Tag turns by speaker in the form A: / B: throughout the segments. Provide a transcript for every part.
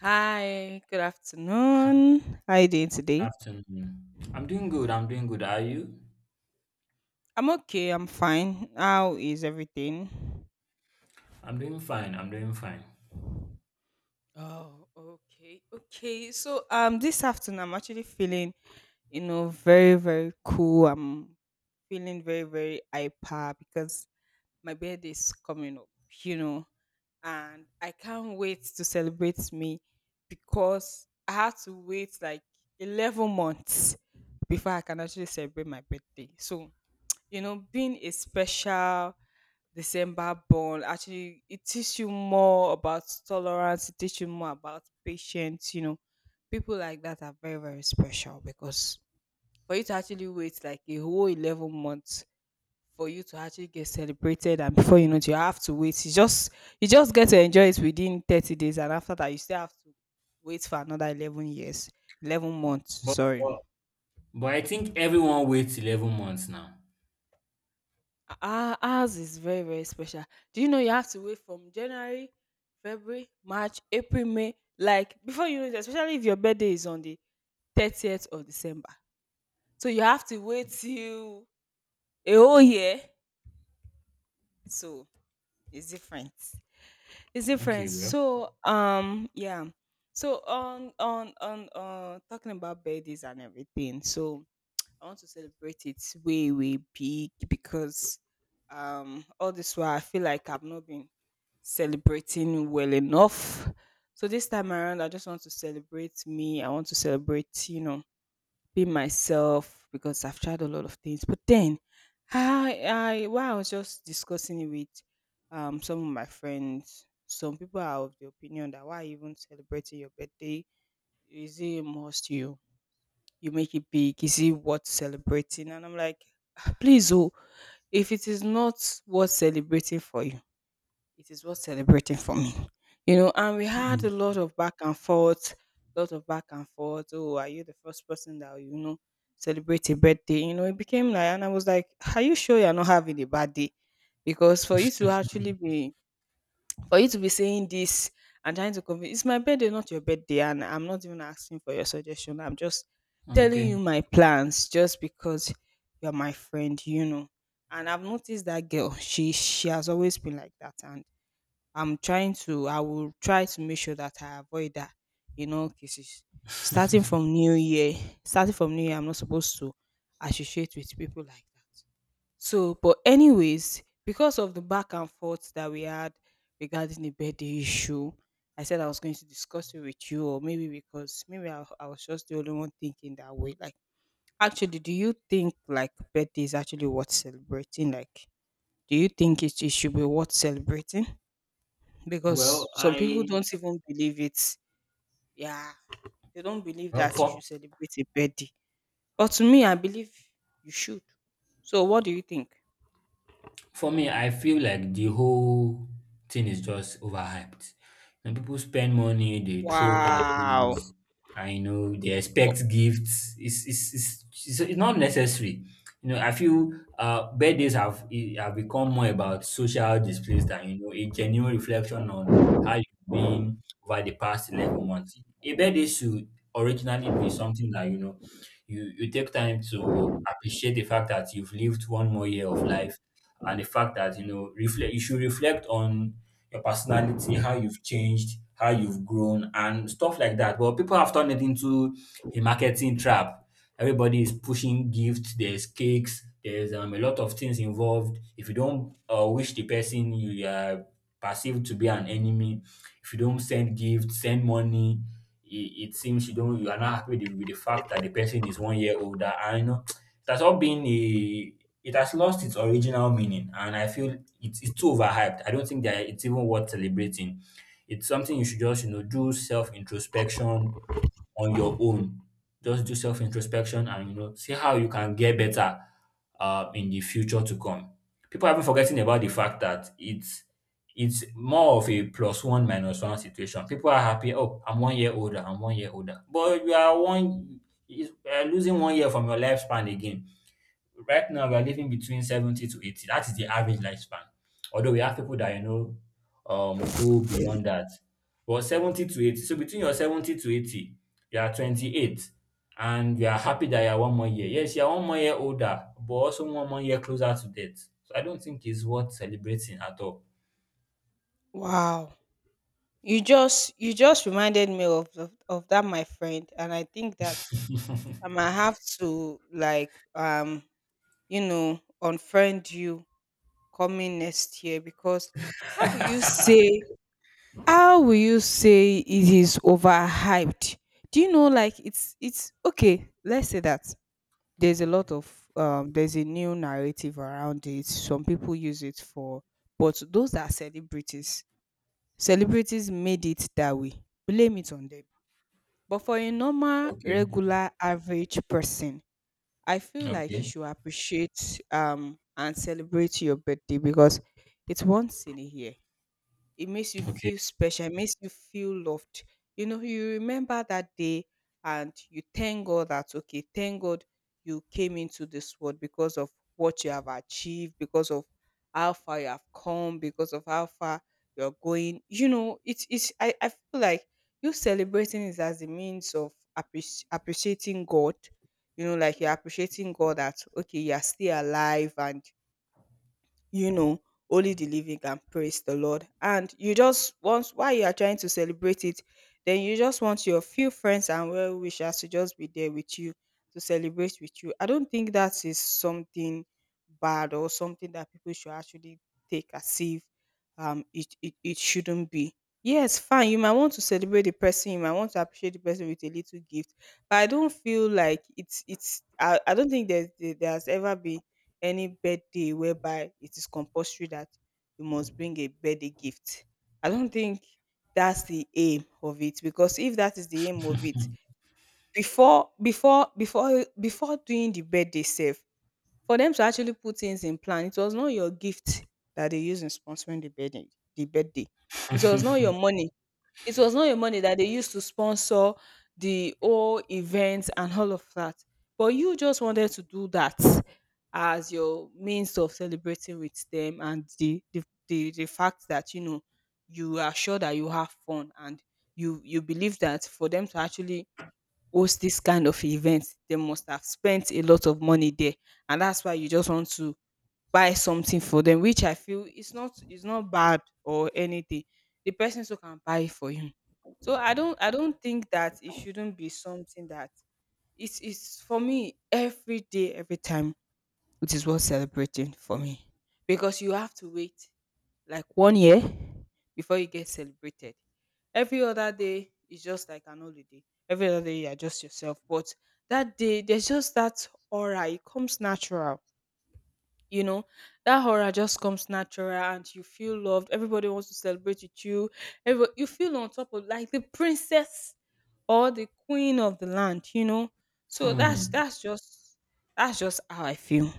A: Hi, good
B: Hi,
A: afternoon. How you doing
B: good
A: today?
B: afternoon. I'm doing good. I'm doing good. Are you?
A: I'm okay, I'm fine. How is everything?
B: I'm doing fine. I'm doing fine.
A: Oh, okay, okay. So this afternoon I'm actually feeling, very, very cool. I'm feeling very, very hyper because my birthday is coming up, you know, and I can't wait to celebrate me because I had to wait like 11 months before I can actually celebrate my birthday. So you know, being a special December born actually it teaches you more about tolerance, it teaches you more about patience, you know. People like that are very, very special because for you to actually wait like a whole 11 months for you to actually get celebrated and before you know it you have to wait. You just get to enjoy it within 30 days and after that you still have to wait for another 11 years. 11 months,
B: But
A: sorry.
B: but I think everyone waits 11 months now.
A: Ours is very, very special. Do you know you have to wait from January, February, March, April, May, like before you know it, especially if your birthday is on the 30th of December. So you have to wait till a whole year. So it's different. It's
B: Okay,
A: different.
B: well.
A: So yeah. So on talking about birthdays and everything. So I want to celebrate it way, way big because all this while I feel like I've not been celebrating well enough. So this time around, I just want to celebrate me. I want to celebrate, you know, be myself because I've tried a lot of things. But then, while I was just discussing it with some of my friends, some people are of the opinion that why even celebrating your birthday is it a must you make it big is it worth celebrating and I'm like please oh if it is not worth celebrating for you it is worth celebrating for me. You know, and we had a lot of back and forth, lot of back and forth. Oh, are you the first person that, you know, celebrate a birthday? You know, it became like, and I was like, are you sure you're not having a bad day? Because for you to actually be, for you to be saying this and trying to convince, it's my birthday, not your birthday. And I'm not even asking for your suggestion. I'm just telling
B: Okay.
A: you my plans just because you're my friend, you know. And I've noticed that girl, she has always been like that. And I will try to make sure that I avoid that in all cases. Starting from new year, starting from new year, I'm not supposed to associate with people like that. So, but anyways, because of the back and forth that we had regarding the birthday issue, I said I was going to discuss it with you, or maybe because maybe I was just the only one thinking that way. Like, actually, do you think like birthday is actually worth celebrating? Like, do you think it should be worth celebrating?
B: Well,
A: Because some people
B: I
A: don't even believe it. Yeah, they don't believe
B: well
A: that you should celebrate a birthday. But to me, I believe you should. So what do you think?
B: for me, I feel like the whole thing is just overhyped. And people spend money, they throw
A: Wow.
B: parties, and they
A: Wo-
B: expect gifts. It's not necessary. I feel birthdays have become more about social displays than a genuine reflection on how you've been over the past 11 months. A birthday should originally be something that you take time to appreciate the fact that you've lived one more year of life, and the fact that you should reflect on your personality, how you've changed, how you've grown, and stuff like that. But people have turned it into a marketing trap. Everybody is pushing gifts, there's cakes, there's a lot of things involved. If you don't wish the person, you are perceived to be an enemy. If you don't send gifts, send money. It seems you are not happy with the fact that the person is one year older. And it has all been a — it has lost its original meaning, and I feel it's too overhyped. I don't think that it's even worth celebrating. It's something you should just, do self introspection on your own. Just do self introspection and see how you can get better in the future to come. People have been forgetting about the fact that it's more of a plus one minus one situation. People are happy, oh, I'm one year older, I'm one year older. But you are one you losing one year from your lifespan again. Right now, we are living between 70 to 80. That is the average lifespan. Although we have people that, go beyond that. But 70 to 80, so between your 70 to 80, you are 28, and you are happy that you are one more year. Yes, you are one more year older, but also one more year closer to death. So I don't think it's worth celebrating at all.
A: Wow. You just reminded me of, of that my friend and I think that I might have to like you know unfriend you coming next year because how will you say how will you say it is overhyped? Do you know like it's okay, let's say that there's a lot of there's a new narrative around it. Some people use it for but those are celebrities. Celebrities made it that way. Blame it on them. But for a normal,
B: Okay,
A: regular, average person, I feel like you
B: okay,
A: should appreciate and celebrate your birthday because it's once in a year it makes you
B: okay.
A: feel special, it makes you feel loved. You know, you remember that day and you thank God that, okay, thank God you came into this world because of what you have achieved, because of how far you have come, because of how far you're going. You know, it's, I feel like you celebrating is as a means of appreciating God. You know, like you're appreciating God that, okay, you're still alive and you know, only the living can praise the Lord. And you just once while you are trying to celebrate it, then you just want your few friends and well wishers to just be there with you to celebrate with you. I don't think that is something bad or something that people should actually take as if it shouldn't be. Yes, fine. You might want to celebrate the person. You might want to appreciate the person with a little gift, but I don't feel like I don't think there's ever been any birthday whereby it is compulsory that you must bring a birthday gift. I don't think that's the aim of it because if that is the aim of it, before doing the birthday sef, for them to actually put things in plan, it was not your gift that they use in sponsoring the birthday. The birthday. It was not your money it was not your money that they used to sponsor the whole event and all of that. But you just wanted to do that as your means of celebrating with them and the fact that you know you are sure that you have fun and you believe that for them to actually host this kind of event they must have spent a lot of money there and that's why you just want to buy something for them, which I feel it's not bad or anything. The person still can buy it for him. So I don't think that it shouldn't be something that it's for me every day, every time it is worth celebrating for me. Because you have to wait like one year before you get celebrated. Every other day is just like an holiday. Every other day you are just yourself. But that day there's just that aura, it comes natural you know that horror just comes natural and you feel loved everybody wants to celebrate with you. Everybody, you feel on top of like the princess or the queen of the land you know so that's
B: Hmm.
A: that's just that's just how I feel.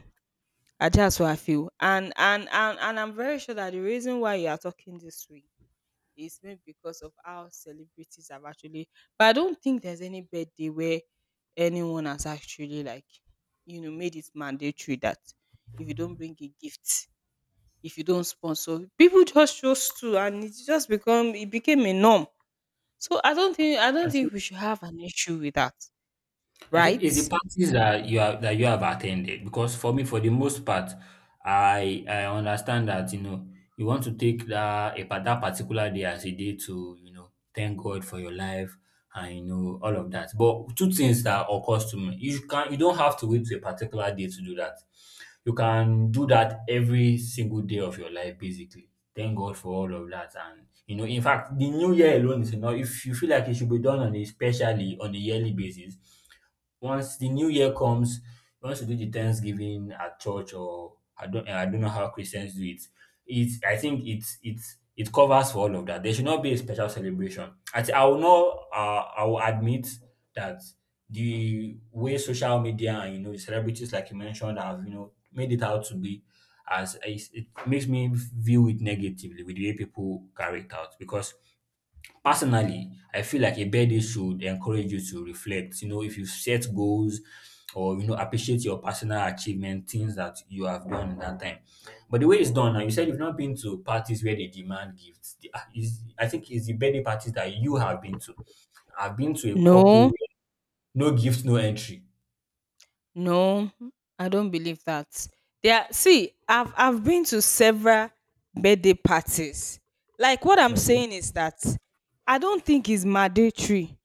A: That's how I feel and I'm very sure that the reason why you are talking this way is maybe because of how celebrities have actually but I don't think there's any birthday where anyone has actually like you know made it mandatory that if you don't bring a gift, if you don't sponsor, people just chose to and it just become it became a norm. So I
B: I
A: don't
B: think
A: think we should have an issue with that,
B: I think
A: right?
B: it's the parties that you have attended, because for me, for the most part, I understand that you want to take that particular day as a day to thank God for your life and all of that. But two things that occurs to me, you don't have to wait to a particular day to do that. You can do that every single day of your life, basically. Thank God for all of that, and in fact, the new year alone is enough. If you feel like it should be done on a specially, on a yearly basis, once the new year comes, we want to do the Thanksgiving at church, or I don't know how Christians do it. It's I think it covers for all of that. There should not be a special celebration. I thi- I will not I will admit that the way social media and the celebrities like you mentioned have made it out to be, it makes me view it negatively with the way people carry it out. Because personally, I feel like a birthday should encourage you to reflect. If you set goals or appreciate your personal achievement, things that you have done in that time. But the way it's done now, you said you've not been to parties where they demand gifts. The- ah, Is I think it's the birthday parties that you have been to. I've been to a couple
A: No.
B: where no gift, no entry.
A: No, I don't believe that. There, see, I've been to several birthday parties. Like what I'm
B: Okay.
A: saying is that I don't think it's mandatory.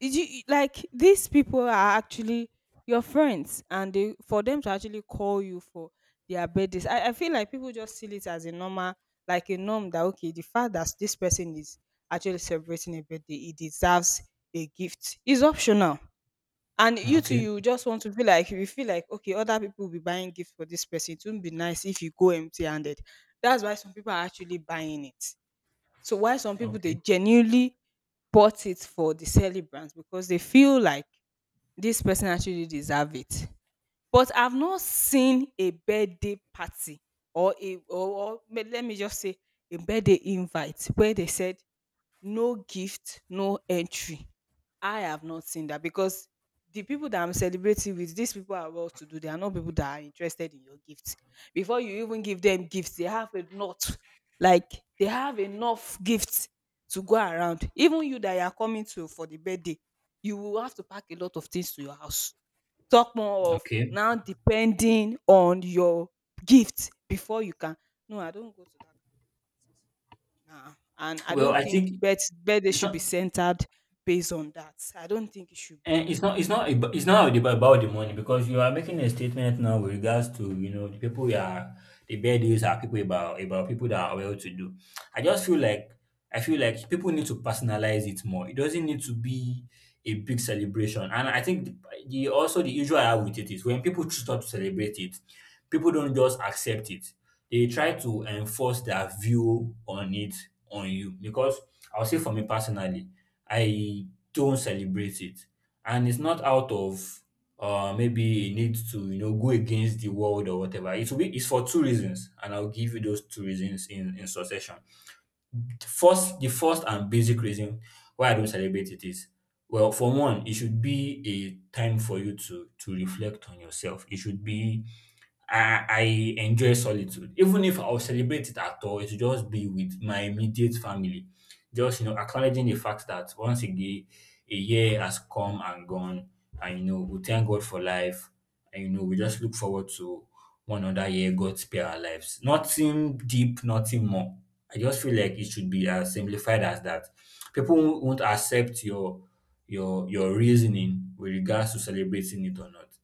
A: Did you, like these people are actually your friends, and they for them to actually call you for their birthdays. I feel like people just see it as a normal, like a norm that okay, the fact that this person is actually celebrating a birthday, he deserves a gift. It's optional and you too,
B: Okay.
A: you just want to be like you feel like, "Okay, other people will be buying gifts for this person. It would not be nice if you go empty-handed." That's why some people are actually buying it. So why some people, they
B: Okay.
A: genuinely bought it for the celebrants because they feel like this person actually deserve it. But I've not seen a birthday party or a or or le let me just say a birthday invite where they said, "No gift, no entry." I have not seen that because the people that I'm celebrating with, these people are well to do. They are not people that are interested in your gifts. Before you even give them gifts, they have a lot. Like they have enough gifts to go around. Even you that you are coming to for the birthday, you will have to pack a lot of things to your house. Talk more of
B: Okay.
A: now depending on your gift before you can. No, I don't go to that now. And I
B: Well,
A: don't
B: I
A: think
B: think
A: birthday
B: it's
A: should be
B: not
A: centered based on that. I don't think it should be.
B: It's not ab- about the money, because you are making a statement now with regards to the people you are, the bad deals are people about people that are well to do. I just feel like I feel like people need to personalize it more. It doesn't need to be a big celebration. And I think the also, the issue I have with it is, when people choose not to celebrate it, people don't just accept it. They try to enforce their view on it on you. Because I'll say for me personally, I don't celebrate it, and it's not out of maybe a need to go against the world or whatever it will be. It's for two reasons, and I'll give you those two reasons in succession. First the first and basic reason why I don't celebrate it is, well, for one, it should be a time for you to reflect on yourself. It should be I I enjoy solitude. Even if I will celebrate it at all, it will just be with my immediate family. Just, acknowledging the fact that once again, a year has come and gone. And, we thank God for life. And, we just look forward to one another year, God spare our lives. Nothing deep, nothing more. I just feel like it should be as simplified as that. People won't accept your reasoning with regards to celebrating it or not.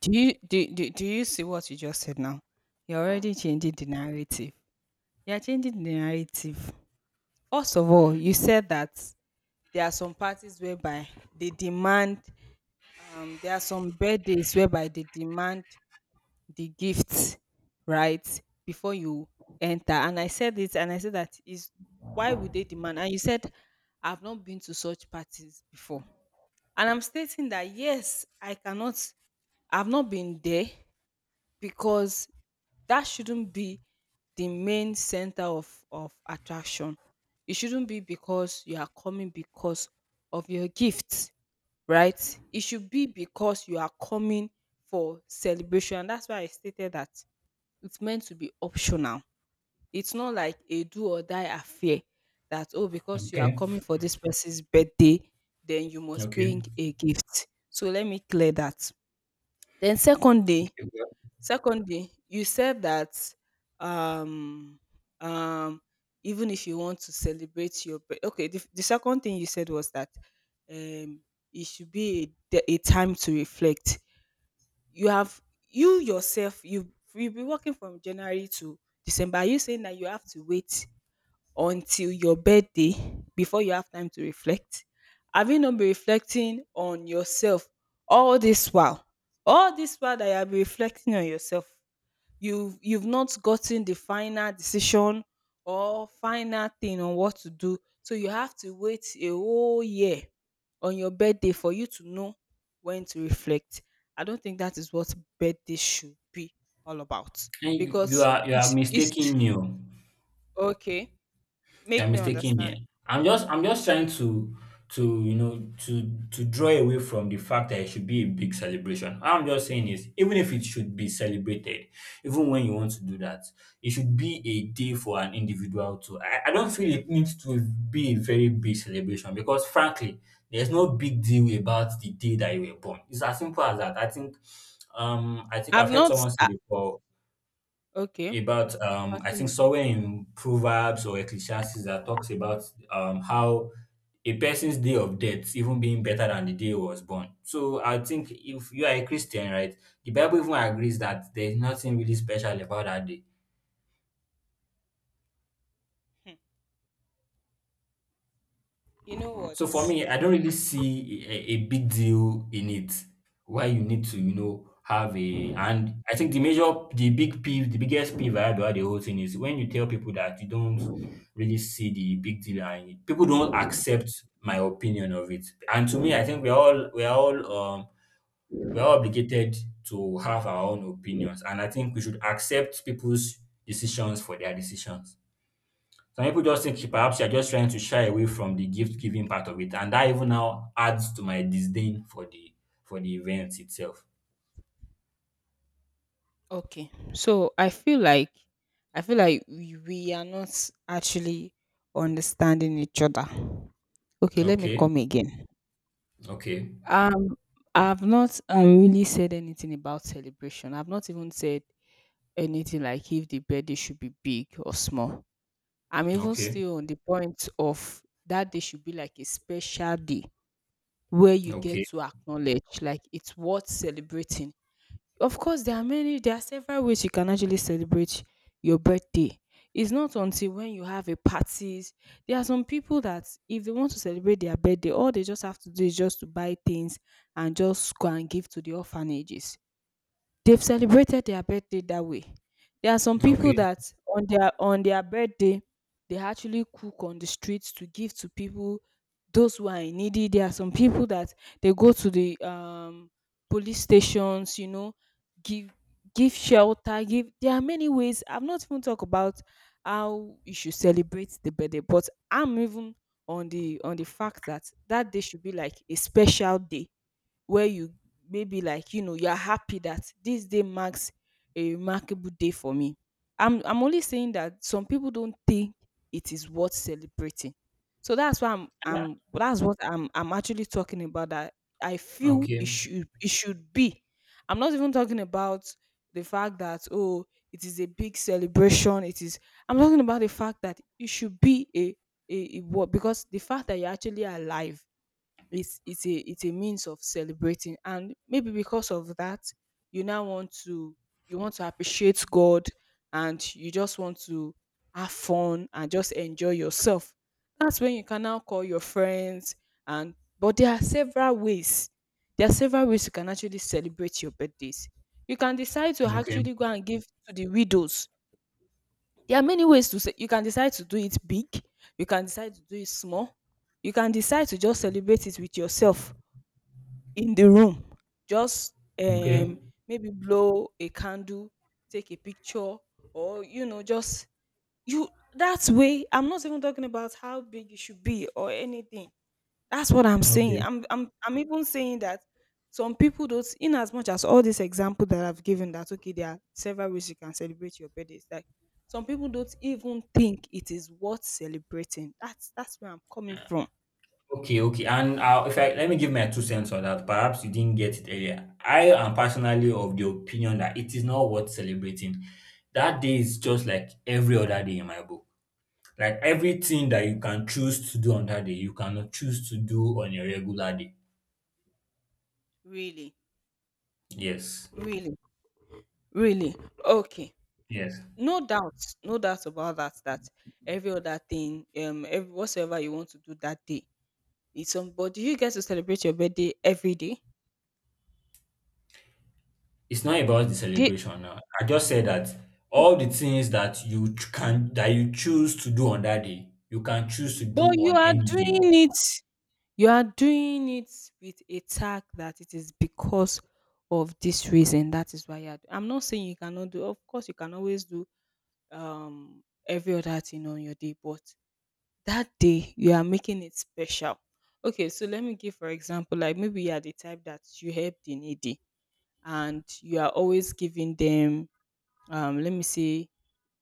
A: Do you see what you just said now? You're already changing the narrative. You're changing the narrative. First of all, you said that there are some parties whereby they demand there are some birthdays whereby they demand the gifts, right before you enter. And I said it, and I said that is why would they demand? And you said I've not been to such parties before, and I'm stating that yes, I cannot, I've not been there because that shouldn't be the main center of attraction. It shouldn't be because you are coming because of your gifts, right? It should be because you are coming for celebration. That's why I stated that it's meant to be optional. It's not like a do or die affair that, oh, because you are
B: Okay.
A: coming for this person's birthday, then you must
B: Okay.
A: bring a gift. So let me clear that. Then
B: Okay.
A: second day, you said that um um even if you want to celebrate your birth, okay, the second thing you said was that um it should be a, a time to reflect. You have, you yourself, you'll be working from January to December. Are you saying that you have to wait until your birthday before you have time to reflect? Have you not been reflecting on yourself all this while? All this while that you have been reflecting on yourself, you've not gotten the final decision or final thing on what to do, so you have to wait a whole year on your birthday for you to know when to reflect? I don't think that is what birthday should be all about
B: Hey, you
A: because
B: are you are
A: it's
B: mistaking me. Oh.
A: okay,
B: You are
A: make me
B: mistaking
A: understand.
B: me. I'm just trying to you know to draw away from the fact that it should be a big celebration. All I'm just saying is, even if it should be celebrated, even when you want to do that, it should be a day for an individual too. I don't feel it needs to be a very big celebration, because frankly, there's no big deal about the day that you were born. It's as simple as that. I think
A: I've
B: I've heard
A: not,
B: someone say
A: ah,
B: before
A: okay,
B: about, I think
A: continue.
B: somewhere in Proverbs or Ecclesiastes, that talks about how a person's day of death even being better than the day he was born. So I think if you are a Christian, right, the Bible even agrees that there's nothing really special about that day.
A: Hmm. You know what?
B: So for me, I don't really see a big deal in it. Why you need to, have a and I think the major, the big peeve, the biggest peeve I had about the whole thing is when you tell people that you don't really see the big deal in it, people don't accept my opinion of it. And to me, I think we're all obligated to have our own opinions, and I think we should accept people's decisions for their decisions. Some people just think perhaps you're just trying to shy away from the gift giving part of it, and that even now adds to my disdain for the event itself.
A: Okay, so I feel like, I feel like we are not actually understanding each other. Okay, let me
B: Okay,
A: come again.
B: okay,
A: Um I've not really said anything about celebration. I've not even said anything like if the birthday should be big or small. I'm even
B: okay,
A: still on the point of that day should be like a special day where you get
B: okay,
A: to acknowledge like it's worth celebrating. Of course, there are many, there are several ways you can actually celebrate your birthday. It's not until when you have a parties. There are some people that if they want to celebrate their birthday, all they just have to do is just to buy things and just go and give to the orphanages. They've celebrated their birthday that way. There are some people
B: okay,
A: that on their birthday they actually cook on the streets to give to people, those who are in needy. There are some people that they go to the police stations, you know, give, give shelter, give, there are many ways. I've not even talked about how you should celebrate the birthday, but I'm even on the fact that that day should be like a special day where you maybe like you know you are happy that this day marks a remarkable day for me. I'm only saying that some people don't think it is worth celebrating. So that's why i'm
B: yeah,
A: i'm that's what I'm actually talking about, that I feel it
B: okay,
A: should, it should be, I'm not even talking about the fact that, oh, it is a big celebration, it is, I'm talking about the fact that it should be a, a what, because the fact that you're actually alive, it's a, it's a means of celebrating. And maybe because of that, you now want to, you want to appreciate God, and you just want to have fun and just enjoy yourself. That's when you can now call your friends and, but there are several ways, there are several ways you can actually celebrate your birthdays. You can decide to
B: okay,
A: actually go and give to the widows. There are many ways to say, you can decide to do it big, you can decide to do it small, you can decide to just celebrate it with yourself in the room. Just
B: okay,
A: um maybe blow a candle, take a picture, or you know, just you, that way. I'm not even talking about how big it should be or anything. That's what I'm saying.
B: okay.
A: I'm even saying that some people don't, in as much as all this example that I've given that okay, there are several ways you can celebrate your birthday, it's like some people don't even think it is worth celebrating. That's where I'm coming from.
B: Okay, okay. And if I let me give my two cents on that, perhaps you didn't get it earlier. I am personally of the opinion that it is not worth celebrating. That day is just like every other day in my book. Like everything that you can choose to do on that day, you cannot choose to do on a regular day.
A: Really?
B: Yes.
A: Really, really. Okay.
B: Yes.
A: No doubt, no doubt about that. That every other thing, every, whatsoever you want to do that day, it's on. But do you get to celebrate your birthday every day?
B: It's not about the
A: The-
B: celebration now. I just said that all the things that you choose to do on that day, you can choose to do
A: but you
B: on
A: are
B: any day.
A: doing it. You are doing it with a tag that it is because of this reason. That is why you are. I'm not saying you cannot do. Of course, you can always do every other thing on your day, but that day you are making it special. Okay, so let me give for example, like maybe you are the type that you help the needy and you are always giving them, let me say,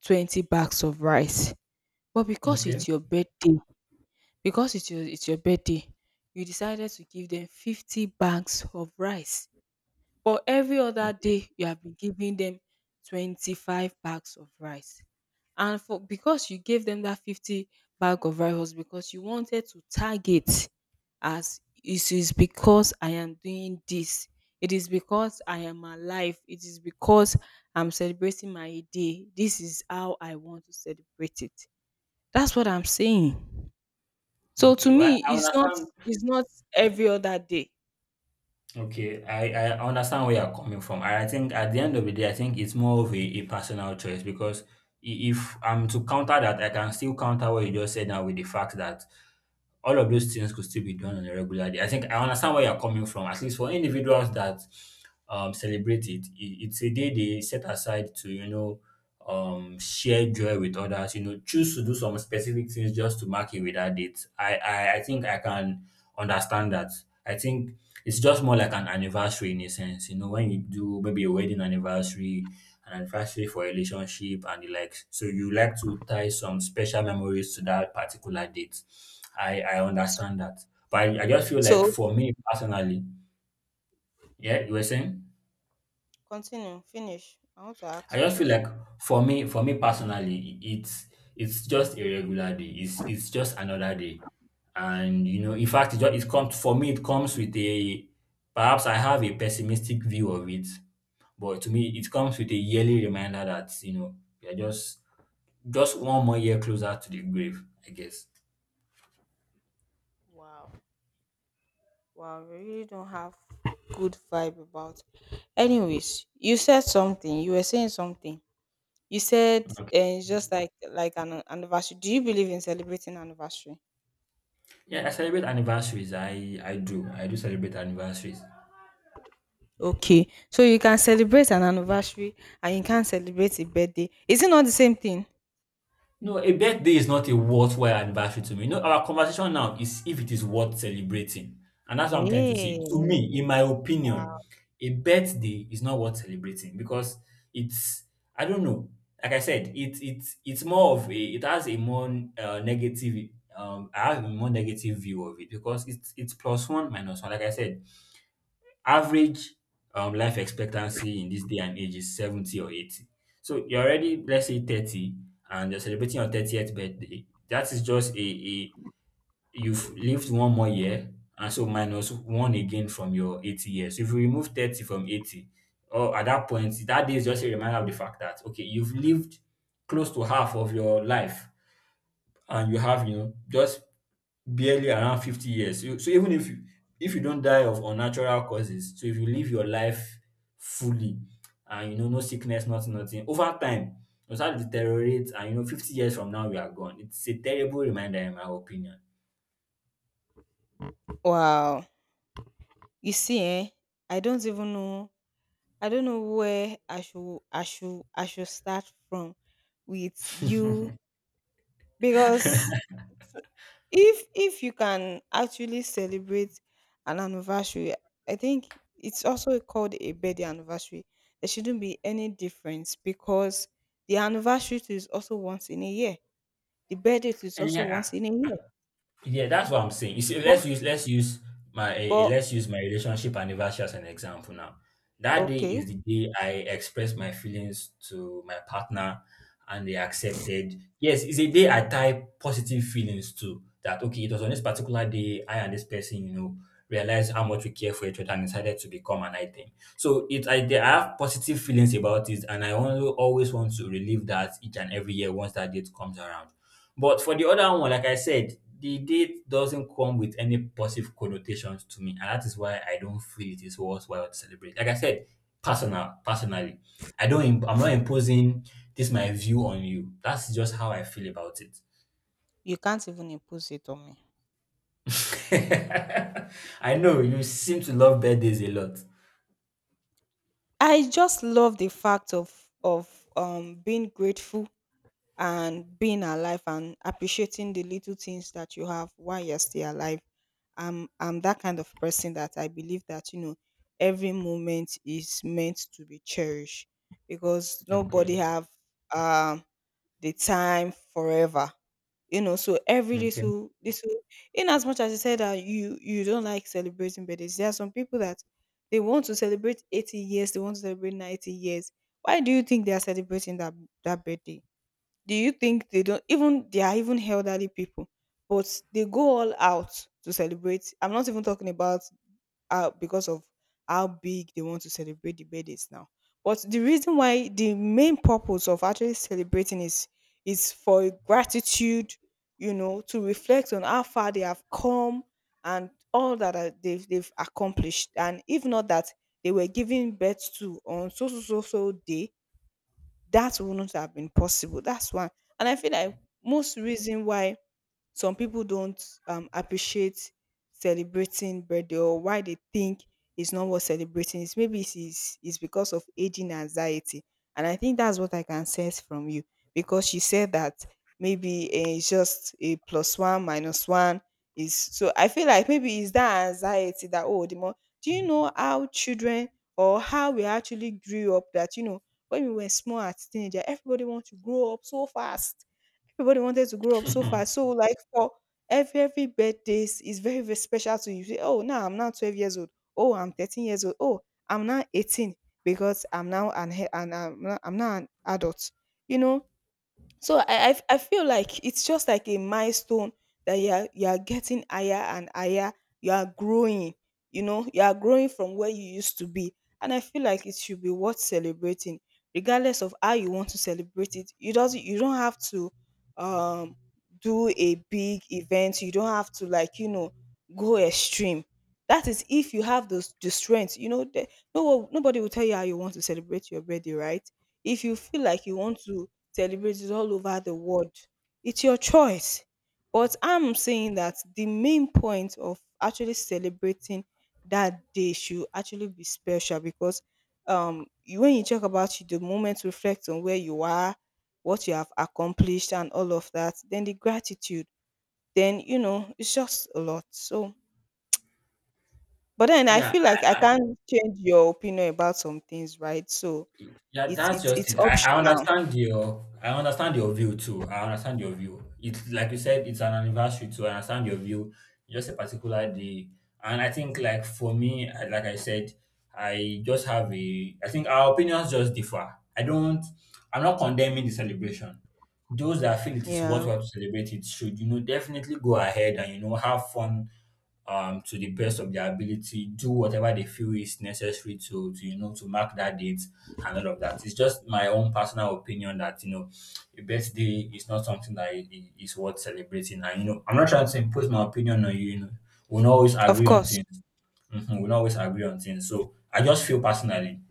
A: 20 bags of rice, but because
B: Okay.
A: it's your birthday, because it's your birthday, you decided to give them 50 bags of rice, but every other
B: Okay.
A: day you have been giving them 25 bags of rice. And for, because you gave them that 50 bag of rice was because you wanted to target, as it is because I am doing this. It is because I am alive. It is because I'm celebrating my day. This is how I want to celebrate it. That's what I'm saying. So to
B: Okay. Well,
A: me,
B: I
A: it's not,
B: understand
A: it's not every other day.
B: Okay, I understand where you're coming from. And I think at the end of the day, I think it's more of a personal choice, because if I'm to counter that, I can still counter what you just said now with the fact that all of those things could still be done on a regular day. I think I understand where you're coming from. At least for individuals that celebrate it, it's a day they set aside to, share joy with others, choose to do some specific things just to mark it with that date. I think I can understand that. I think it's just more like an anniversary in a sense, when you do maybe a wedding anniversary, an anniversary for a relationship and the likes. So you like to tie some special memories to that particular date. I understand that. But I just feel like
A: So,
B: for me personally, yeah, you were saying?
A: continue, finish. I want to
B: I
A: ask you a
B: just feel like
A: question.
B: for me personally, it's just a regular day. It's just another day, and in fact, it comes for me. It comes with a Perhaps I have a pessimistic view of it, but to me, it comes with a yearly reminder that you're just one more year closer to the grave, I guess.
A: Wow. Wow, we really don't have good vibe about. Anyways, you said something. You were saying something. You said
B: Okay.
A: it's just like an anniversary. Do you believe in celebrating anniversary?
B: Yeah, I celebrate anniversaries. I do. I do celebrate anniversaries.
A: Okay, so you can celebrate an anniversary and you can't celebrate a birthday. Is it not the same thing?
B: No, a birthday is not a worthwhile anniversary to me. No, our conversation now is if it is worth celebrating. And that's what I'm trying to say. To me,
A: Hey.
B: in my opinion, a birthday is not worth celebrating because it's, I don't know, like I said, it's more of it has a more negative, I have a more negative view of it because it's plus one minus one. Like I said, average life expectancy in this day and age is 70 or 80. So you're already, let's say, 30 and you're celebrating your 30th birthday. That is just a you've lived one more year and so minus one again from your 80 years. So if you remove 30 from 80, or at that point, that day is just a reminder of the fact that okay, you've lived close to half of your life and you have just barely around 50 years. So so even if you don't die of unnatural causes, so if you live your life fully and no sickness, nothing, nothing, over time you start to deteriorate, and 50 years from now you are gone. It's a terrible reminder in my opinion.
A: Wow. You see, eh? I don't even know, I don't know where I should start from with you, because if you can actually celebrate an anniversary, I think it's also called a birthday anniversary. There shouldn't be any difference because the anniversary too is also once in a year. The birthday too is
B: And
A: also
B: yeah,
A: once in a year.
B: yeah, that's what I'm saying. You see,
A: But,
B: let's use my
A: but
B: let's use my relationship anniversary as an example now. That day is
A: okay,
B: the day I expressed my feelings to my partner and they accepted. Yes, it's a day I tie positive feelings to that okay, it was on this particular day I and this person, realized how much we care for each other and decided to become an item. So I have positive feelings about it, and I only always want to relive that each and every year once that date comes around. But for the other one, like I said, the date doesn't come with any positive connotations to me, and that is why I don't feel it is worthwhile to celebrate. Like I said, personally, I don't. I'm not imposing this my view on you. That's just how I feel about it.
A: you can't even impose it on me.
B: I know you seem to love birthdays a lot.
A: I just love the fact of being grateful and being alive and appreciating the little things that you have while you're still alive. I'm that kind of person that I believe that you know every moment is meant to be cherished because nobody
B: Okay.
A: have um the time forever. You know, so every
B: Okay.
A: little, little, in as much as you said that you don't like celebrating birthdays, there are some people that they want to celebrate 80 years, they want to celebrate 90 years. Why do you think they are celebrating that that birthday? Do you think they don't even, they are even elderly people, but they go all out to celebrate. I'm not even talking about because of how big they want to celebrate the birthdays now, but the reason why, the main purpose of actually celebrating is for gratitude, you know, to reflect on how far they have come and all that they've accomplished. And if not that they were giving birth to on so so so so day, that wouldn't have been possible. That's why. And I feel like most reason why some people don't appreciate celebrating birthday, or why they think it's not worth celebrating, is maybe it's, it's because of aging anxiety. And I think that's what I can sense from you, because she said that maybe it's just a plus one minus one is. So I feel like maybe it's that anxiety, that oh, the more, do you know how children or how we actually grew up, that you know when we were small at teenager, everybody wants to grow up so fast. Everybody wanted to grow up so fast. So like for every birthday, is very, very special to you. You say, oh, now I'm now 12 years old. Oh, I'm 13 years old. Oh, I'm now 18 because I'm now an and I'm now an adult. You know, so I feel like it's just like a milestone that you are getting higher and higher. You are growing, you know, you are growing from where you used to be. And I feel like it should be worth celebrating, regardless of how you want to celebrate it. You doesn't, you don't have to um do a big event. You don't have to like, you know, go extreme. That is if you have those the strength, you know, the, no one- nobody will tell you how you want to celebrate your birthday, right? If you feel like you want to celebrated all over the world, it's your choice. But I'm saying that the main point of actually celebrating that day should actually be special because you, when you talk about the moment, reflect on where you are, what you have accomplished, and all of that, then the gratitude, then you know, it's just a lot. So but then I
B: Yeah,
A: feel like I can't change your opinion about some things, right? So
B: yeah,
A: it's
B: that's
A: it's
B: just
A: it's
B: it.
A: optional.
B: I understand your view too. I understand your view. It's like you said, it's an anniversary too. I understand your view. Just a particular day. And I think like for me, like I said, I just have a I think our opinions just differ. I'm not condemning the celebration. Those that feel it is
A: Yeah.
B: worthwhile to celebrate it should, definitely go ahead and have fun to the best of their ability, do whatever they feel is necessary to, to mark that date and all of that. It's just my own personal opinion that a birthday is not something that is worth celebrating. And you know, I'm not trying to impose my opinion on you. You know, we'll not always
A: Of
B: agree on
A: course.
B: things. Mhm, we'll not always agree on things. So I just feel personally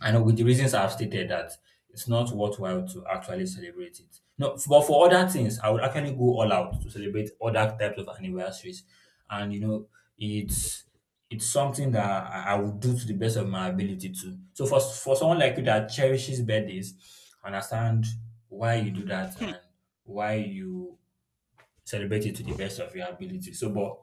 B: I know with the reasons I've stated that it's not worthwhile to actually celebrate it. No, f- but for other things, I would actually go all out to celebrate other types of anniversaries and it's it's something that I will do to the best of my ability to. So for someone like you that cherishes birthdays, I understand why you do that and why you celebrate it to the best of your ability. So, but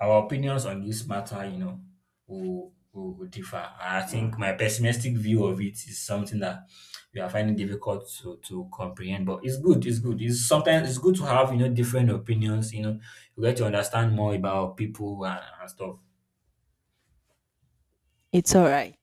B: our opinions on this matter, you know, will differ. And I think my pessimistic view of it is something that we are finding difficult to comprehend, but it's good. It's good. It's sometimes it's good to have, you know, different opinions, you know, you get to understand more about people and stuff.
A: It's all right.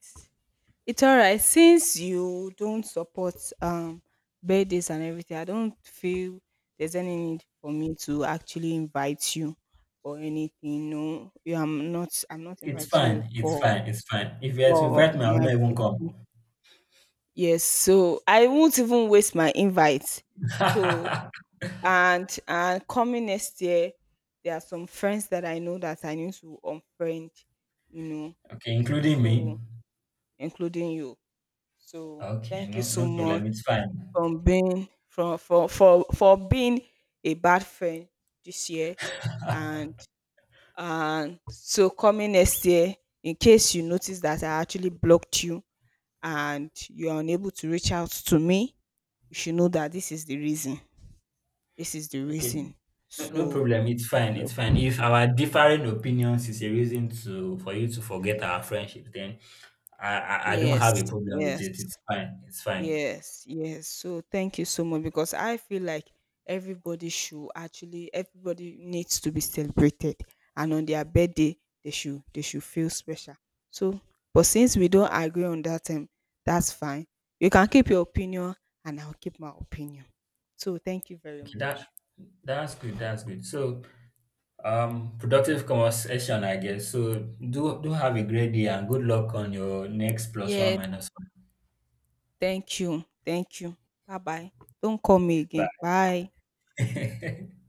A: It's alright. Since you don't support um birthdays and everything, I don't feel there's any need for me to actually invite you for anything. No, you, I'm not
B: It's
A: inviting you
B: fine. It's
A: for
B: fine. It's fine. If you had to
A: for
B: invite me, I will
A: my
B: not even come.
A: yes. So I won't even waste my invite. So, and coming next year, there are some friends that I know that I need to unfriend, you know.
B: Okay, including me.
A: So including you. So
B: Okay,
A: thank you
B: no,
A: so
B: no
A: much
B: problem. It's fine.
A: from being, from for being a bad friend this year. and and so coming next year, in case you notice that I actually blocked you and you are unable to reach out to me, you should know that this is the reason, this is the
B: Okay.
A: reason.
B: No, no
A: So,
B: problem. It's fine.
A: no,
B: It's fine. If our differing opinions is a reason to for you to forget our friendship, then I don't
A: yes,
B: have a problem with
A: yes.
B: it. It's fine. It's fine.
A: Yes, yes. So thank you so much because I feel like everybody should actually, everybody needs to be celebrated. And on their birthday they should feel special. So but since we don't agree on that, that's fine. You can keep your opinion and I'll keep my opinion. So thank you very
B: Okay,
A: much.
B: that's good. That's good. So, productive conversation, I guess. So, do have a great day and good luck on your next plus one
A: Yeah.
B: minus one.
A: Thank you. Thank you. Bye bye. Don't call me again. Bye.
B: Bye.